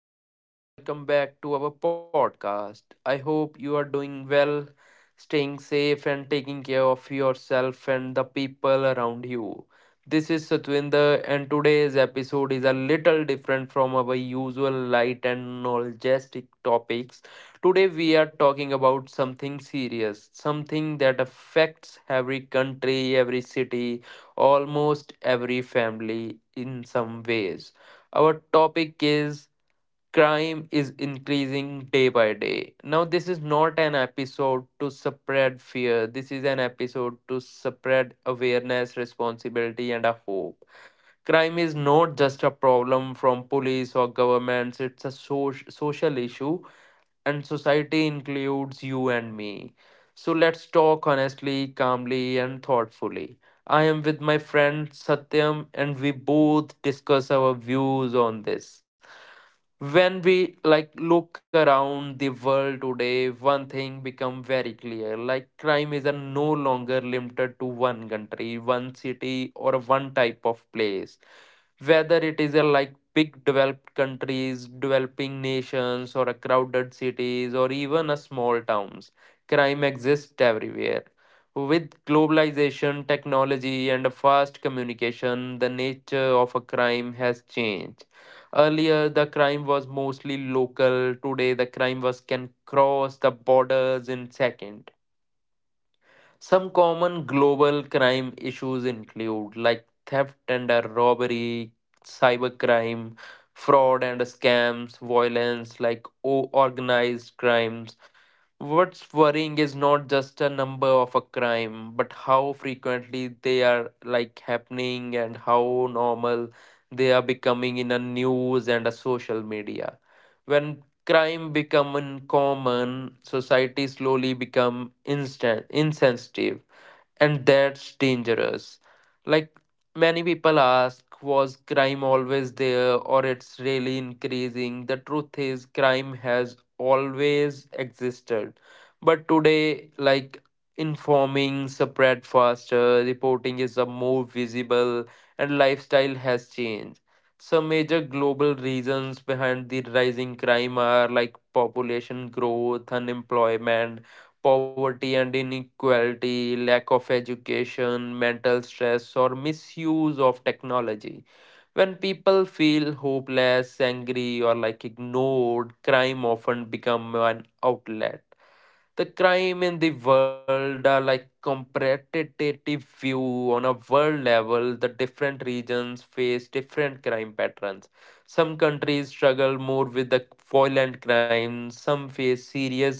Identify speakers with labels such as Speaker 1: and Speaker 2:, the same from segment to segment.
Speaker 1: everyone, and welcome back to our podcast. I hope you are doing well, staying safe, and taking care of yourself and the people around you. This is Satwinder, and today's episode is a little different from our usual light and knowledgeistic topics. Today, we are talking about something serious, something that affects every country, every city, almost every family in some ways. Our topic is crime is increasing day by day. Now, this is not an episode to spread fear. This is an episode to spread awareness, responsibility, and a hope. Crime is not just a problem from police or governments, it's a social issue, and society includes you and me. So, let's talk honestly, calmly, and thoughtfully. I am with my friend Satyam, and we both discuss our views on this. When we like look around the world today, one thing become very clear, like crime is a no longer limited to one country, one city, or a one type of place. Whether it is a like big developed countries, developing nations, or a crowded cities, or even a small towns, crime exists everywhere. With globalization, technology, and fast communication, the nature of a crime has changed. Earlier, the crime was mostly local. Today, the crime was can cross the borders in second. Some common global crime issues include like theft and robbery, cybercrime, fraud and scams, violence like organized crimes. What's worrying is not just a number of a crime, but how frequently they are like happening and how normal they are becoming in a news and a social media. When crime become uncommon, society slowly become instant insensitive, and that's dangerous. Like many people ask, was crime always there or it's really increasing? The truth is, crime has always existed, but today, like informing spread faster, reporting is a more visible, and lifestyle has changed. Some major global reasons behind the rising crime are like population growth, unemployment, poverty and inequality, lack of education, mental stress, or misuse of technology. When people feel hopeless, angry, or like ignored, crime often become an outlet. The crime in the world are like competitive view on a world level. The different regions face different crime patterns. Some countries struggle more with the violent crime. Some face serious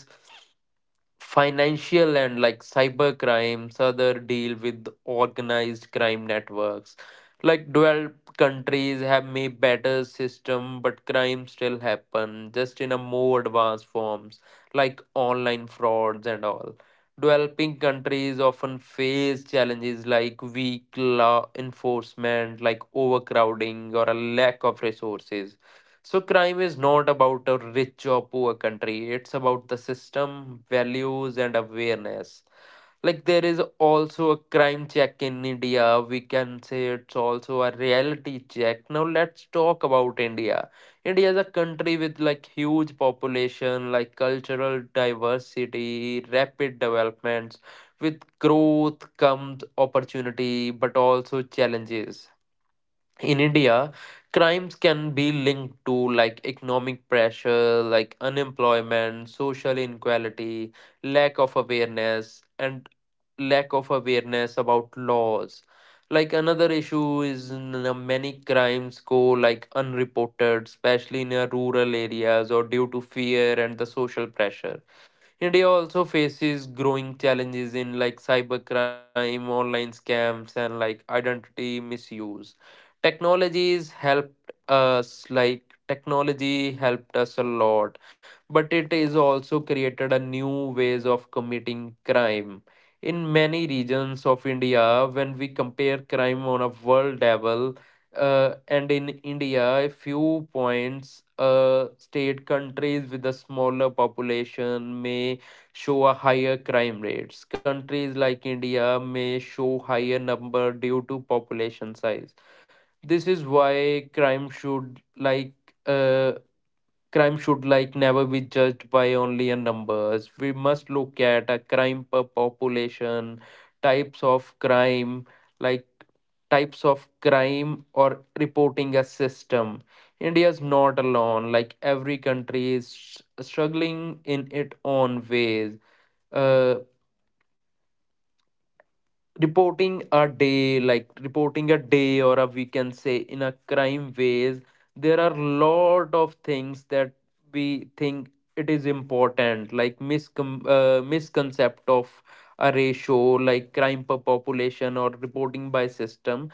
Speaker 1: financial and like cyber crimes, other deal with organized crime networks. Like developed countries have made better system, but crime still happen, just in a more advanced forms like online frauds and all. Developing countries often face challenges like weak law enforcement, like overcrowding or a lack of resources. So, crime is not about a rich or poor country, it's about the system, values, and awareness. Like, there is also a crime check in India. We can say it's also a reality check. Now, let's talk about India. India is a country with like huge population, like cultural diversity, rapid developments. With growth comes opportunity, but also challenges. In India, crimes can be linked to like economic pressure, like unemployment, social inequality, lack of awareness, and lack of awareness about laws. Like another issue is many crimes go like unreported, especially in rural areas or due to fear and the social pressure. India also faces growing challenges in like cybercrime, online scams, and like identity misuse. Technologies helped us like Technology helped us a lot, but it is also created a new ways of committing crime. In many regions of India, when we compare crime on a world level, and in India, a few points, state countries with a smaller population may show a higher crime rates. Countries like India may show higher number due to population size. This is why uh, crime should like never be judged by only a numbers. We must look at a crime per population, types of crime like types of crime or reporting a system. India is not alone. Like every country is struggling in its own ways. uh, Reporting a day, or a we can say in a crime ways, there are lot of things that we think it is important, like misconcept of a ratio like crime per population or reporting by system.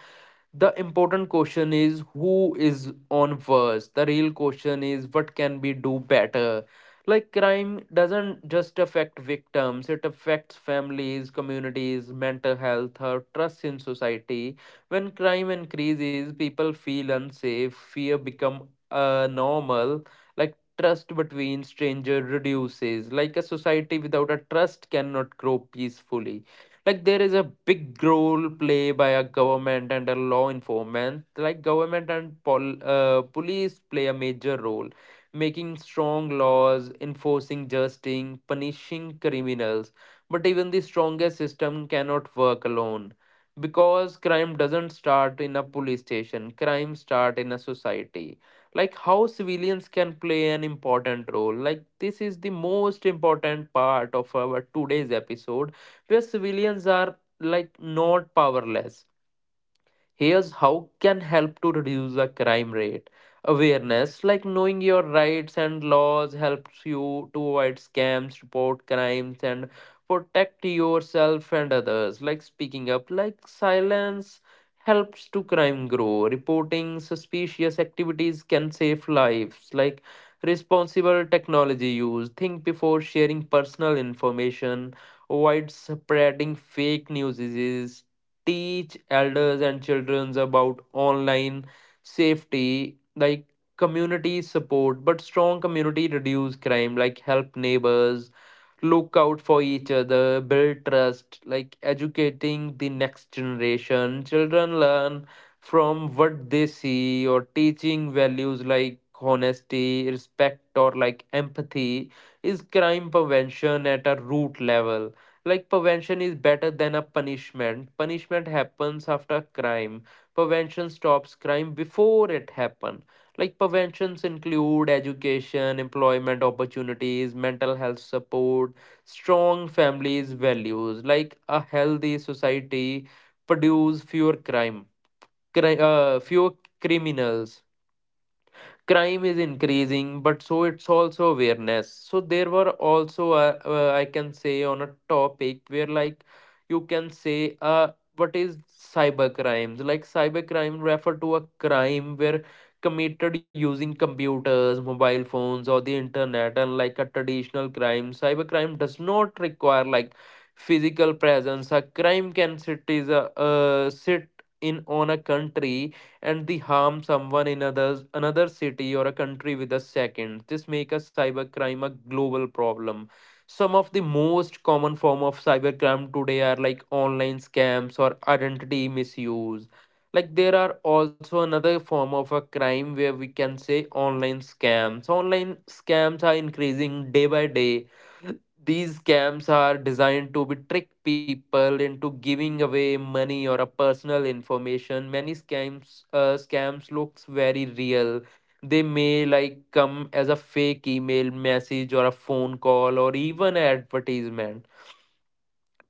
Speaker 1: The important question is who is on first? The real question is what can we do better? Like crime doesn't just affect victims, it affects families, communities, mental health, or trust in society. When crime increases, people feel unsafe, fear become normal, like trust between strangers reduces. Like a society without a trust cannot grow peacefully. Like there is a big role play by a government and a law enforcement, like government and police play a major role, making strong laws, enforcing justice, punishing criminals. But even the strongest system cannot work alone, because crime doesn't start in a police station, crime start in a society. Like how civilians can play an important role, like this is the most important part of our today's episode, where civilians are like not powerless. Here's how can help to reduce the crime rate. Awareness, like knowing your rights and laws, helps you to avoid scams, report crimes, and protect yourself and others. Like speaking up, like silence helps to crime grow. Reporting suspicious activities can save lives. Like responsible technology use, think before sharing personal information, avoid spreading fake news, teach elders and children about online safety. Like community support, but strong community reduce crime, like help neighbors, look out for each other, build trust. Like educating the next generation, children learn from what they see, or teaching values like honesty, respect, or like empathy is crime prevention at a root level. Like prevention is better than a punishment. Punishment happens after crime, prevention stops crime before it happen. Like preventions include education, employment opportunities, mental health support, strong families values. Like a healthy society produce fewer crime, fewer criminals. Crime is increasing but so it's also awareness. So there were also I can say on a topic where like you can say what is cyber crimes. Like cyber crime refer to a crime where committed using computers, mobile phones, or the internet, and like a traditional crime, cyber crime does not require like physical presence. A crime can sit in on a country, and the harm someone in others, another city or a country with a second. This makes a cybercrime a global problem. Some of the most common form of cybercrime today are like online scams or identity misuse. Like there are also another form of a crime where we can say online scams. Online scams are increasing day by day. These scams are designed to be trick people into giving away money or a personal information. Many scams looks very real. They may like come as a fake email message or a phone call or even an advertisement.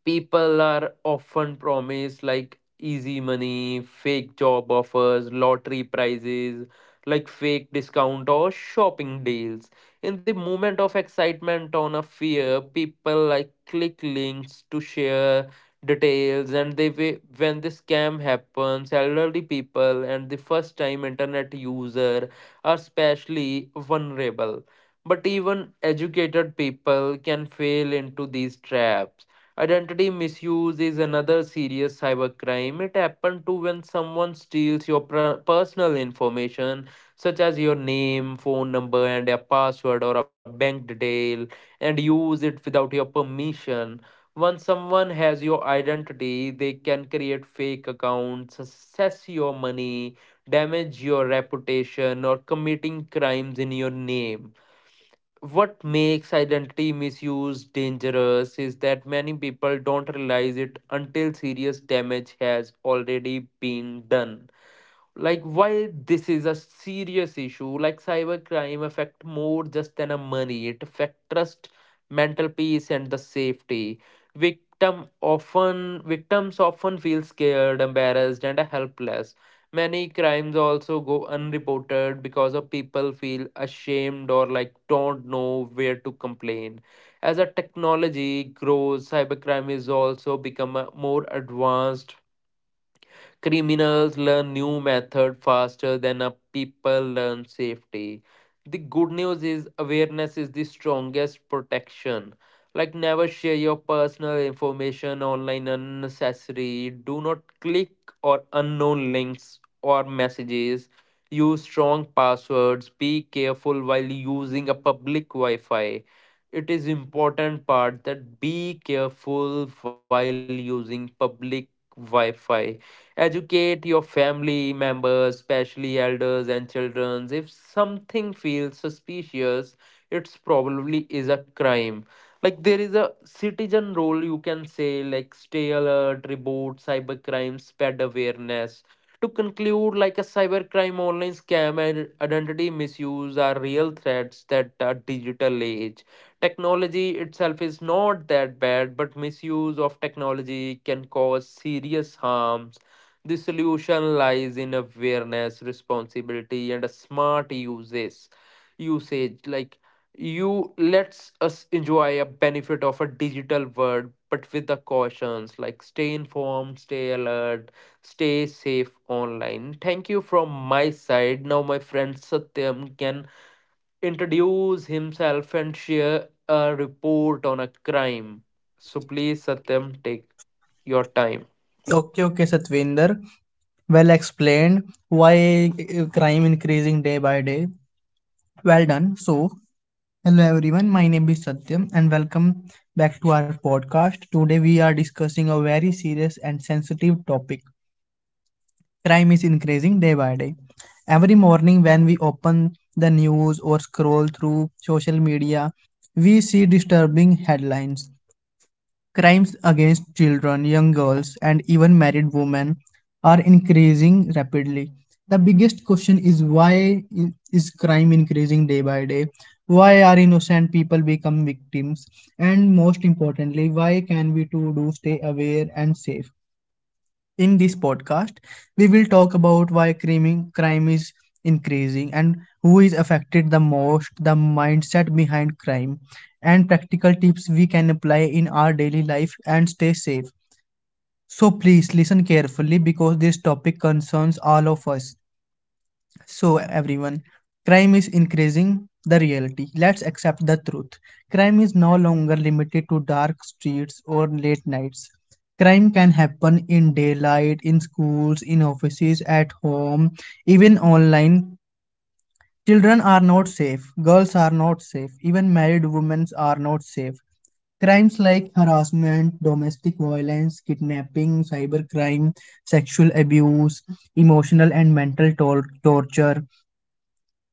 Speaker 1: People are often promised like easy money, fake job offers, lottery prizes, like fake discount or shopping deals. In the moment of excitement on a fear, people like click links to share details, and they when the scam happens, elderly people and the first time internet user are especially vulnerable, but even educated people can fall into these traps. Identity misuse is another serious cybercrime. It happens to when someone steals your personal information, such as your name, phone number, and a password or a bank detail, and use it without your permission. Once someone has your identity, they can create fake accounts, access your money, damage your reputation, or committing crimes in your name. What makes identity misuse dangerous is that many people don't realize it until serious damage has already been done. Like why this is a serious issue, like cybercrime affect more just than a money, it affect trust, mental peace, and the safety. Victims often feel scared, embarrassed, and helpless. Many crimes also go unreported because of people feel ashamed or like don't know where to complain. As a technology grows, cybercrime is also become a more advanced. Criminals learn new method faster than a people learn safety. The good news is awareness is the strongest protection. Like never share your personal information online unnecessary. Do not click or unknown links or messages. Use strong passwords. Be careful while using a public Wi-Fi. It is important part that be careful while using public Wi-Fi. Educate your family members, especially elders and children. If something feels suspicious, it's probably is a crime. Like there is a citizen role, you can say like stay alert, report cybercrime, spread awareness. To conclude, like a cybercrime, online scam, and identity misuse are real threats that are digital age. Technology itself is not that bad, but misuse of technology can cause serious harms. The solution lies in awareness, responsibility, and a smart uses, Usage like you lets us enjoy a benefit of a digital world, but with the cautions like stay informed, stay alert, stay safe online. Thank you from my side. Now my friend Satyam can introduce himself and share a report on a crime. So please, Satyam, take your time.
Speaker 2: Okay, okay, Satvinder. Well explained. Why crime increasing day by day? Well done. So, hello everyone. My name is Satyam and welcome back to our podcast. Today we are discussing a very serious and sensitive topic. Crime is increasing day by day. Every morning when we open the news or scroll through social media, we see disturbing headlines. Crimes against children, young girls, and even married women are increasing rapidly. The biggest question is why i- is crime increasing day by day? Why are innocent people become victims? And most importantly, why can we too do stay aware and safe? In this podcast, we will talk about crime is increasing and who is affected the most, the mindset behind crime, and practical tips we can apply in our daily life and stay safe. So please listen carefully because this topic concerns all of us. So, everyone, crime is increasing the reality. Let's accept the truth. Crime is no longer limited to dark streets or late nights. Crime can happen in daylight, in schools, in offices, at home, even online. Children are not safe, girls are not safe, even married women are not safe. Crimes like harassment, domestic violence, kidnapping, cybercrime, sexual abuse, emotional and mental torture,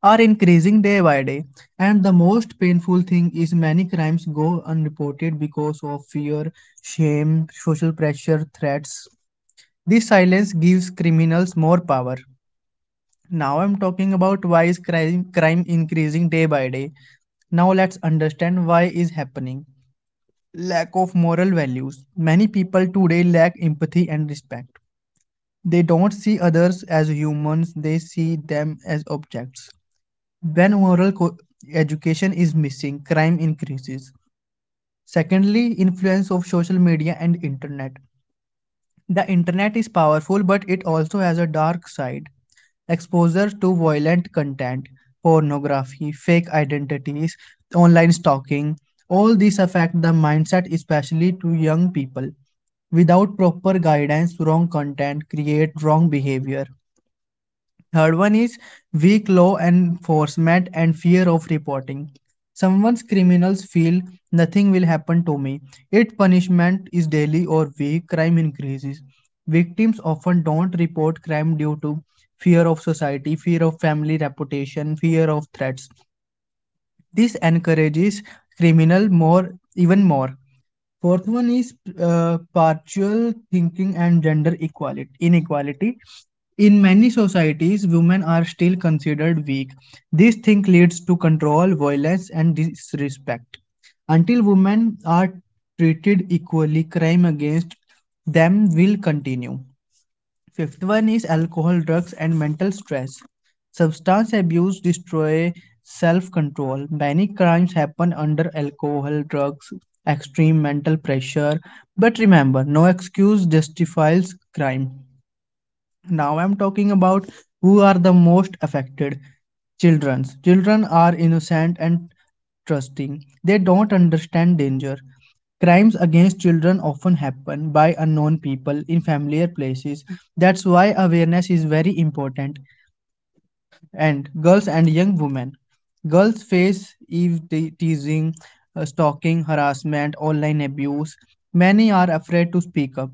Speaker 2: are increasing day by day. And the most painful thing is many crimes go unreported because of fear, shame, social pressure, threats. This silence gives criminals more power. Now I'm talking about crime increasing day by day. Now let's understand why is happening. Lack of moral values. Many people today lack empathy and respect. They don't see others as humans, they see them as objects. When education is missing, crime increases. Secondly, influence of social media and internet. The internet is powerful, but it also has a dark side. Exposure to violent content, pornography, fake identities, online stalking, all these affect the mindset, especially to young people. Without proper guidance, wrong content create wrong behavior. Third one is weak law enforcement and fear of reporting. Someone's criminals feel nothing will happen to me. If punishment is daily or weak, crime increases. Victims often don't report crime due to fear of society, fear of family reputation, fear of threats. This encourages criminal more even more. Fourth one is partial thinking and gender equality inequality. In many societies, women are still considered weak. This thing leads to control, violence, and disrespect. Until women are treated equally, crime against them will continue. Fifth one is alcohol, drugs, and mental stress. Substance abuse destroys self-control. Many crimes happen under alcohol, drugs, extreme mental pressure. But remember, no excuse justifies crime. Now I'm talking about who are the most affected children. Children are innocent and trusting. They don't understand danger. Crimes against children often happen by unknown people in familiar places. That's why awareness is very important. And girls and young women. Girls face teasing, stalking, harassment, online abuse. Many are afraid to speak up.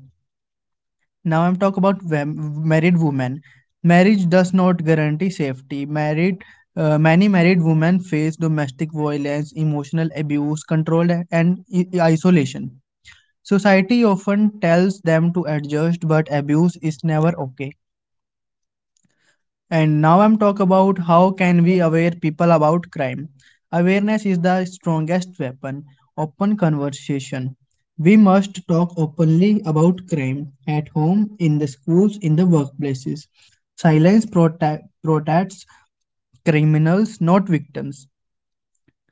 Speaker 2: Now I'm talk about married women. Marriage does not guarantee safety. Married many married women face domestic violence, emotional abuse, control, and isolation. Society often tells them to adjust, but abuse is never okay. And now I'm talk about how can we aware people about crime. Awareness is the strongest weapon. Open conversation. We must talk openly about crime at home, in the schools, in the workplaces. Silence protects criminals, not victims.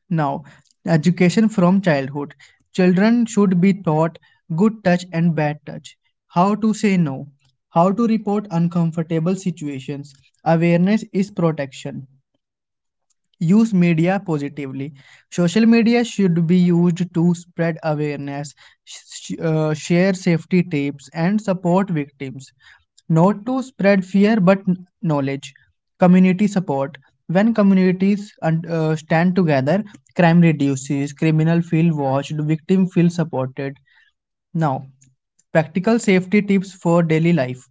Speaker 2: Now, education from childhood. Children should be taught good touch and bad touch, how to say no, how to report uncomfortable situations. Awareness is protection. Use media positively. Social media should be used to spread awareness, share safety tips, and support victims. Not to spread fear but knowledge. Community support. When communities stand together, crime reduces, criminal feel watched, victim feel supported. Now, practical safety tips for daily life.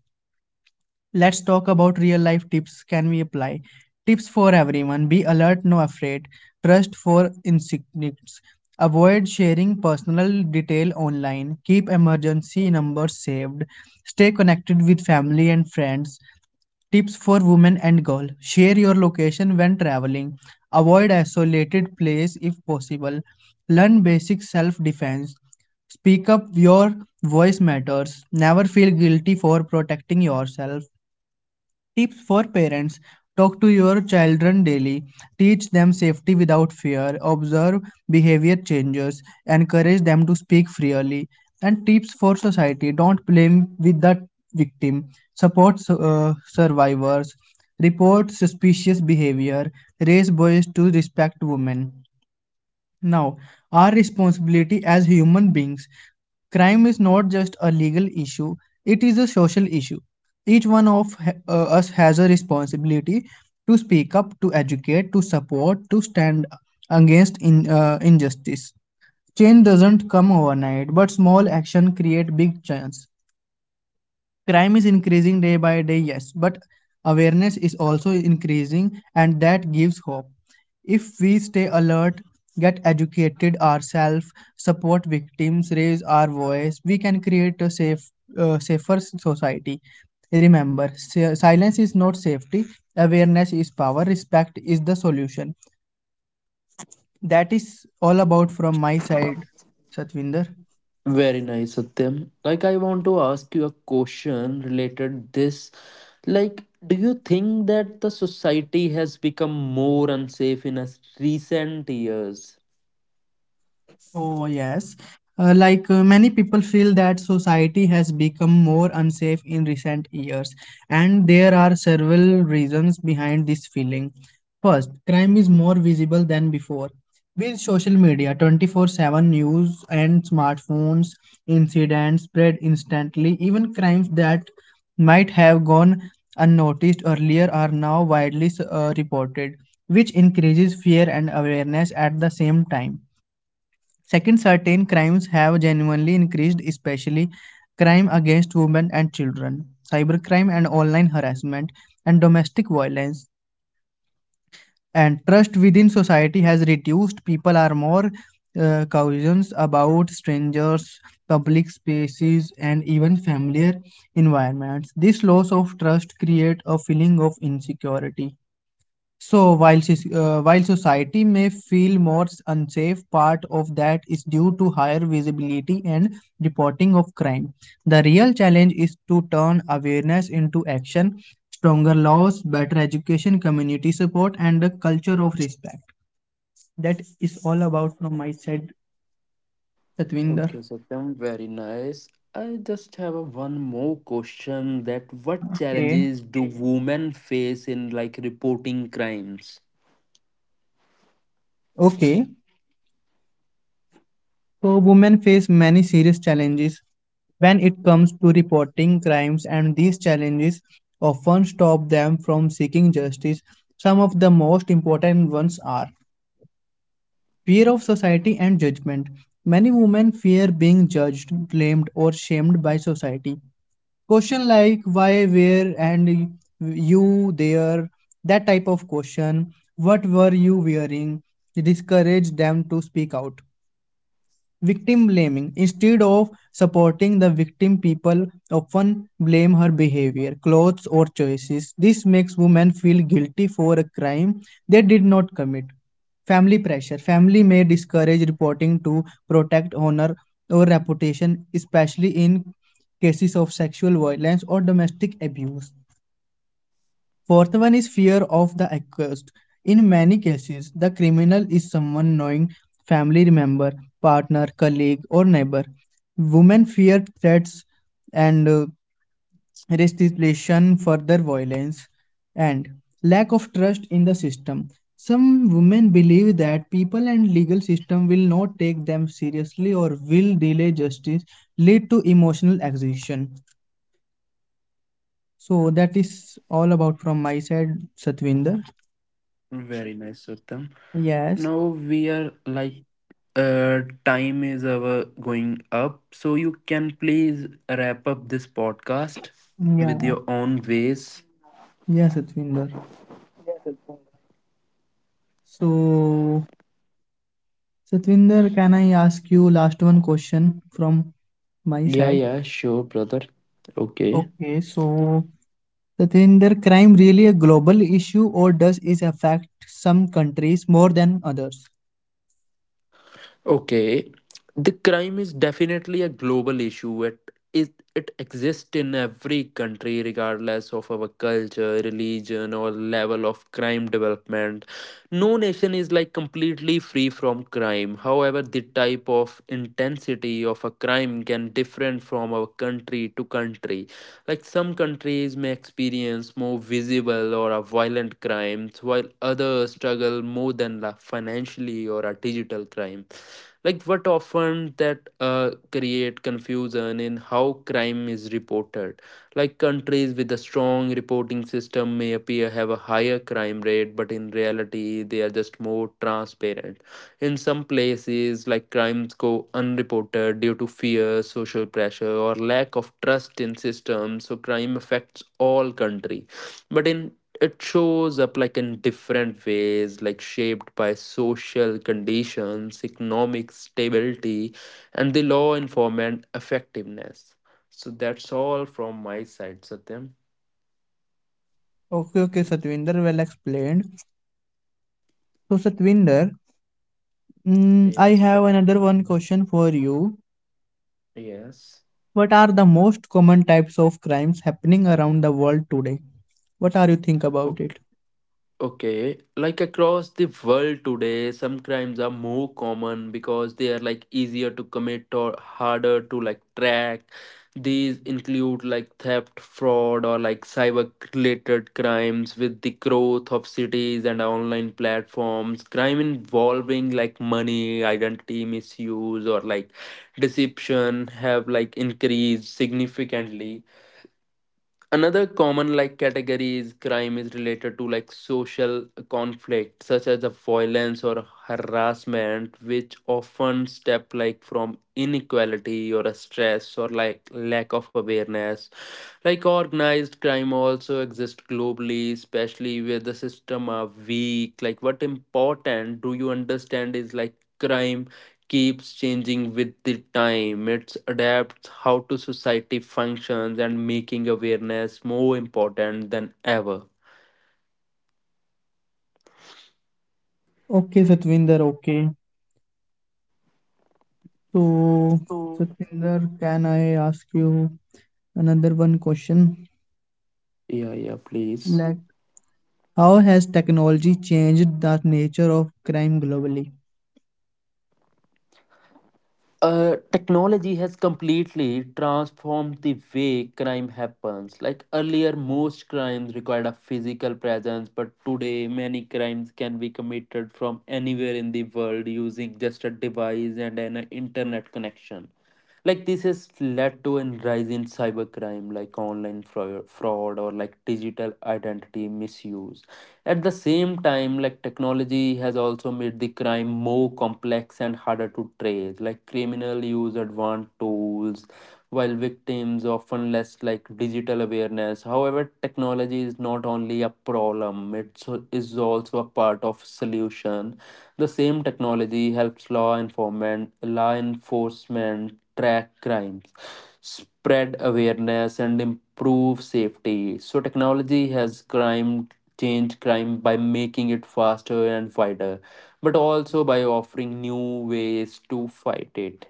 Speaker 2: Let's talk about real life tips can we apply? Tips for everyone. Be alert, no afraid. Trust for insignificance. Avoid sharing personal detail online. Keep emergency numbers saved. Stay connected with family and friends. Tips for women and girl. Share your location when traveling. Avoid isolated place if possible. Learn basic self defense. Speak up, your voice matters. Never feel guilty for protecting yourself. Tips for parents. Talk to your children daily, teach them safety without fear, observe behavior changes, encourage them to speak freely. And tips for society. Don't blame with the victim, support uh, survivors, report suspicious behavior, raise boys to respect women. Now, our responsibility as human beings. Crime is not just a legal issue, it is a social issue. Each one of us has a responsibility to speak up, to educate, to support, to stand against injustice. Change doesn't come overnight, but small action create big chance. Crime is increasing day by day, yes, but awareness is also increasing, and that gives hope. If we stay alert, get educated ourselves, support victims, raise our voice, we can create a safer society. Remember, silence is not safety. Awareness is power, respect is the solution. That is all about from my side, Satvinder.
Speaker 1: Very nice, Satyam. Like I want to ask you a question related this. Like, do you think that the society has become more unsafe in us recent years?
Speaker 2: Oh, yes. Like many people feel that society has become more unsafe in recent years, and there are several reasons behind this feeling. First, crime is more visible than before. With social media, 24/7 news and smartphones, incidents spread instantly. Even crimes that might have gone unnoticed earlier are now widely reported, which increases fear and awareness at the same time. Second, certain crimes have genuinely increased, especially crime against women and children, cybercrime and online harassment, and domestic violence. And trust within society has reduced. People are more cautious about strangers, public spaces, and even familiar environments. This loss of trust creates a feeling of insecurity. So while society may feel more unsafe, part of that is due to higher visibility and reporting of crime. The real challenge is to turn awareness into action, stronger laws, better education, community support, and a culture of respect. That is all about from my side, Satvinder.
Speaker 1: Okay, Satyam, very nice. I just have a one more question that what
Speaker 2: Okay,
Speaker 1: challenges do women face in like reporting crimes?
Speaker 2: okay. So, women face many serious challenges when it comes to reporting crimes, and these challenges often stop them from seeking justice. Some of the most important ones are fear of society and judgment. Many women fear being judged, blamed, or shamed by society. Question like why, where, and you there, that type of question. What were you wearing? Discourage them to speak out. Victim blaming. Instead of supporting the victim, people often blame her behavior, clothes, or choices. This makes women feel guilty for a crime they did not commit. Family pressure. Family may discourage reporting to protect honor or reputation, especially in cases of sexual violence or domestic abuse. Fourth one is fear of the accused. In many cases, the criminal is someone knowing family member, partner, colleague, or neighbor. Women fear threats and restitution, further violence, and lack of trust in the system. Some women believe that people and legal system will not take them seriously or will delay justice, lead to emotional exhaustion. So that is all about from my side, Satvinder.
Speaker 1: Very nice, Satyam. Now we
Speaker 2: Yes.
Speaker 1: are like time is our going up, so you can please wrap up this podcast with your own
Speaker 2: Yeah,
Speaker 1: ways.
Speaker 2: yeah, Satvinder. So, Satvinder, can I ask you last one question from my
Speaker 1: Yeah,
Speaker 2: side?
Speaker 1: yeah, sure, brother. Okay.
Speaker 2: Okay, so Satvinder, crime really a global issue or does it affect some countries more than others?
Speaker 1: Okay, the crime is definitely a global issue. It exists in every country, regardless of our culture, religion, or level of crime development. No nation is like completely free from crime. However, the type of intensity of a crime can different from our country to country. Like some countries may experience more visible or a violent crimes, while others struggle more than la financially or a digital crime, like what often that create confusion in how crime is reported. Like countries with a strong reporting system may appear have a higher crime rate, but in reality they are just more transparent. In some places like crimes go unreported due to fear, social pressure, or lack of trust in systems. So crime affects all country, but in it shows up like in different ways, like shaped by social conditions, economic stability, and the law enforcement effectiveness. So that's all from my side, Satyam.
Speaker 2: Okay, okay, Satvinder, well explained. So, Satvinder, I
Speaker 1: Yes,
Speaker 2: have
Speaker 1: bro.
Speaker 2: another one question for you.
Speaker 1: Yes.
Speaker 2: What are the most common types of crimes happening around the world today? What are you think about it?
Speaker 1: Okay, like across the world today, some crimes are more common because they are like easier to commit or harder to like track. These include like theft, fraud, or like cyber related crimes with the growth of cities and online platforms. Crime involving like money, identity misuse, or like deception have like increased significantly. Another common like category is crime is related to like social conflict, such as the violence or harassment, which often step like from inequality or a stress or like lack of awareness. Like organized crime also exists globally, especially where the system are weak. Like what important do you understand is like crime keeps changing with the time. It adapts how to society functions and making awareness more important than ever.
Speaker 2: Okay, Satvinder, okay. So,
Speaker 1: Oh.
Speaker 2: Satvinder, can I ask you another one question?
Speaker 1: Yeah, yeah, please.
Speaker 2: Like, how has technology changed the nature of crime globally?
Speaker 1: Technology has completely transformed the way crime happens. Like earlier, most crimes required a physical presence, but today, many crimes can be committed from anywhere in the world using just a device and an internet connection. Like this has led to a rise in cybercrime, like online fraud or like digital identity misuse. At the same time, like technology has also made the crime more complex and harder to trace. Like criminal use advanced tools while victims often less like digital awareness. However, technology is not only a problem, it so, is also a part of solution. The same technology helps law enforcement track crimes, spread awareness, and improve safety. So, technology has crime changed crime by making it faster and wider, but also by offering new ways to fight it.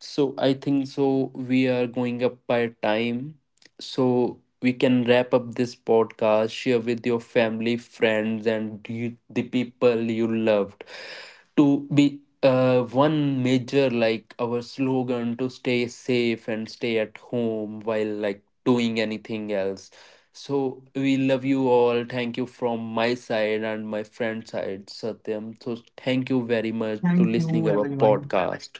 Speaker 1: So I think so we are going up by time. So we can wrap up this podcast, share with your family, friends, and the people you loved. To be one major like our slogan to stay safe and stay at home while like doing anything else. So we love you all. Thank you from my side and my friend side, Satyam. So thank you very much
Speaker 2: Thank
Speaker 1: to
Speaker 2: you,
Speaker 1: listening our
Speaker 2: everyone.
Speaker 1: podcast.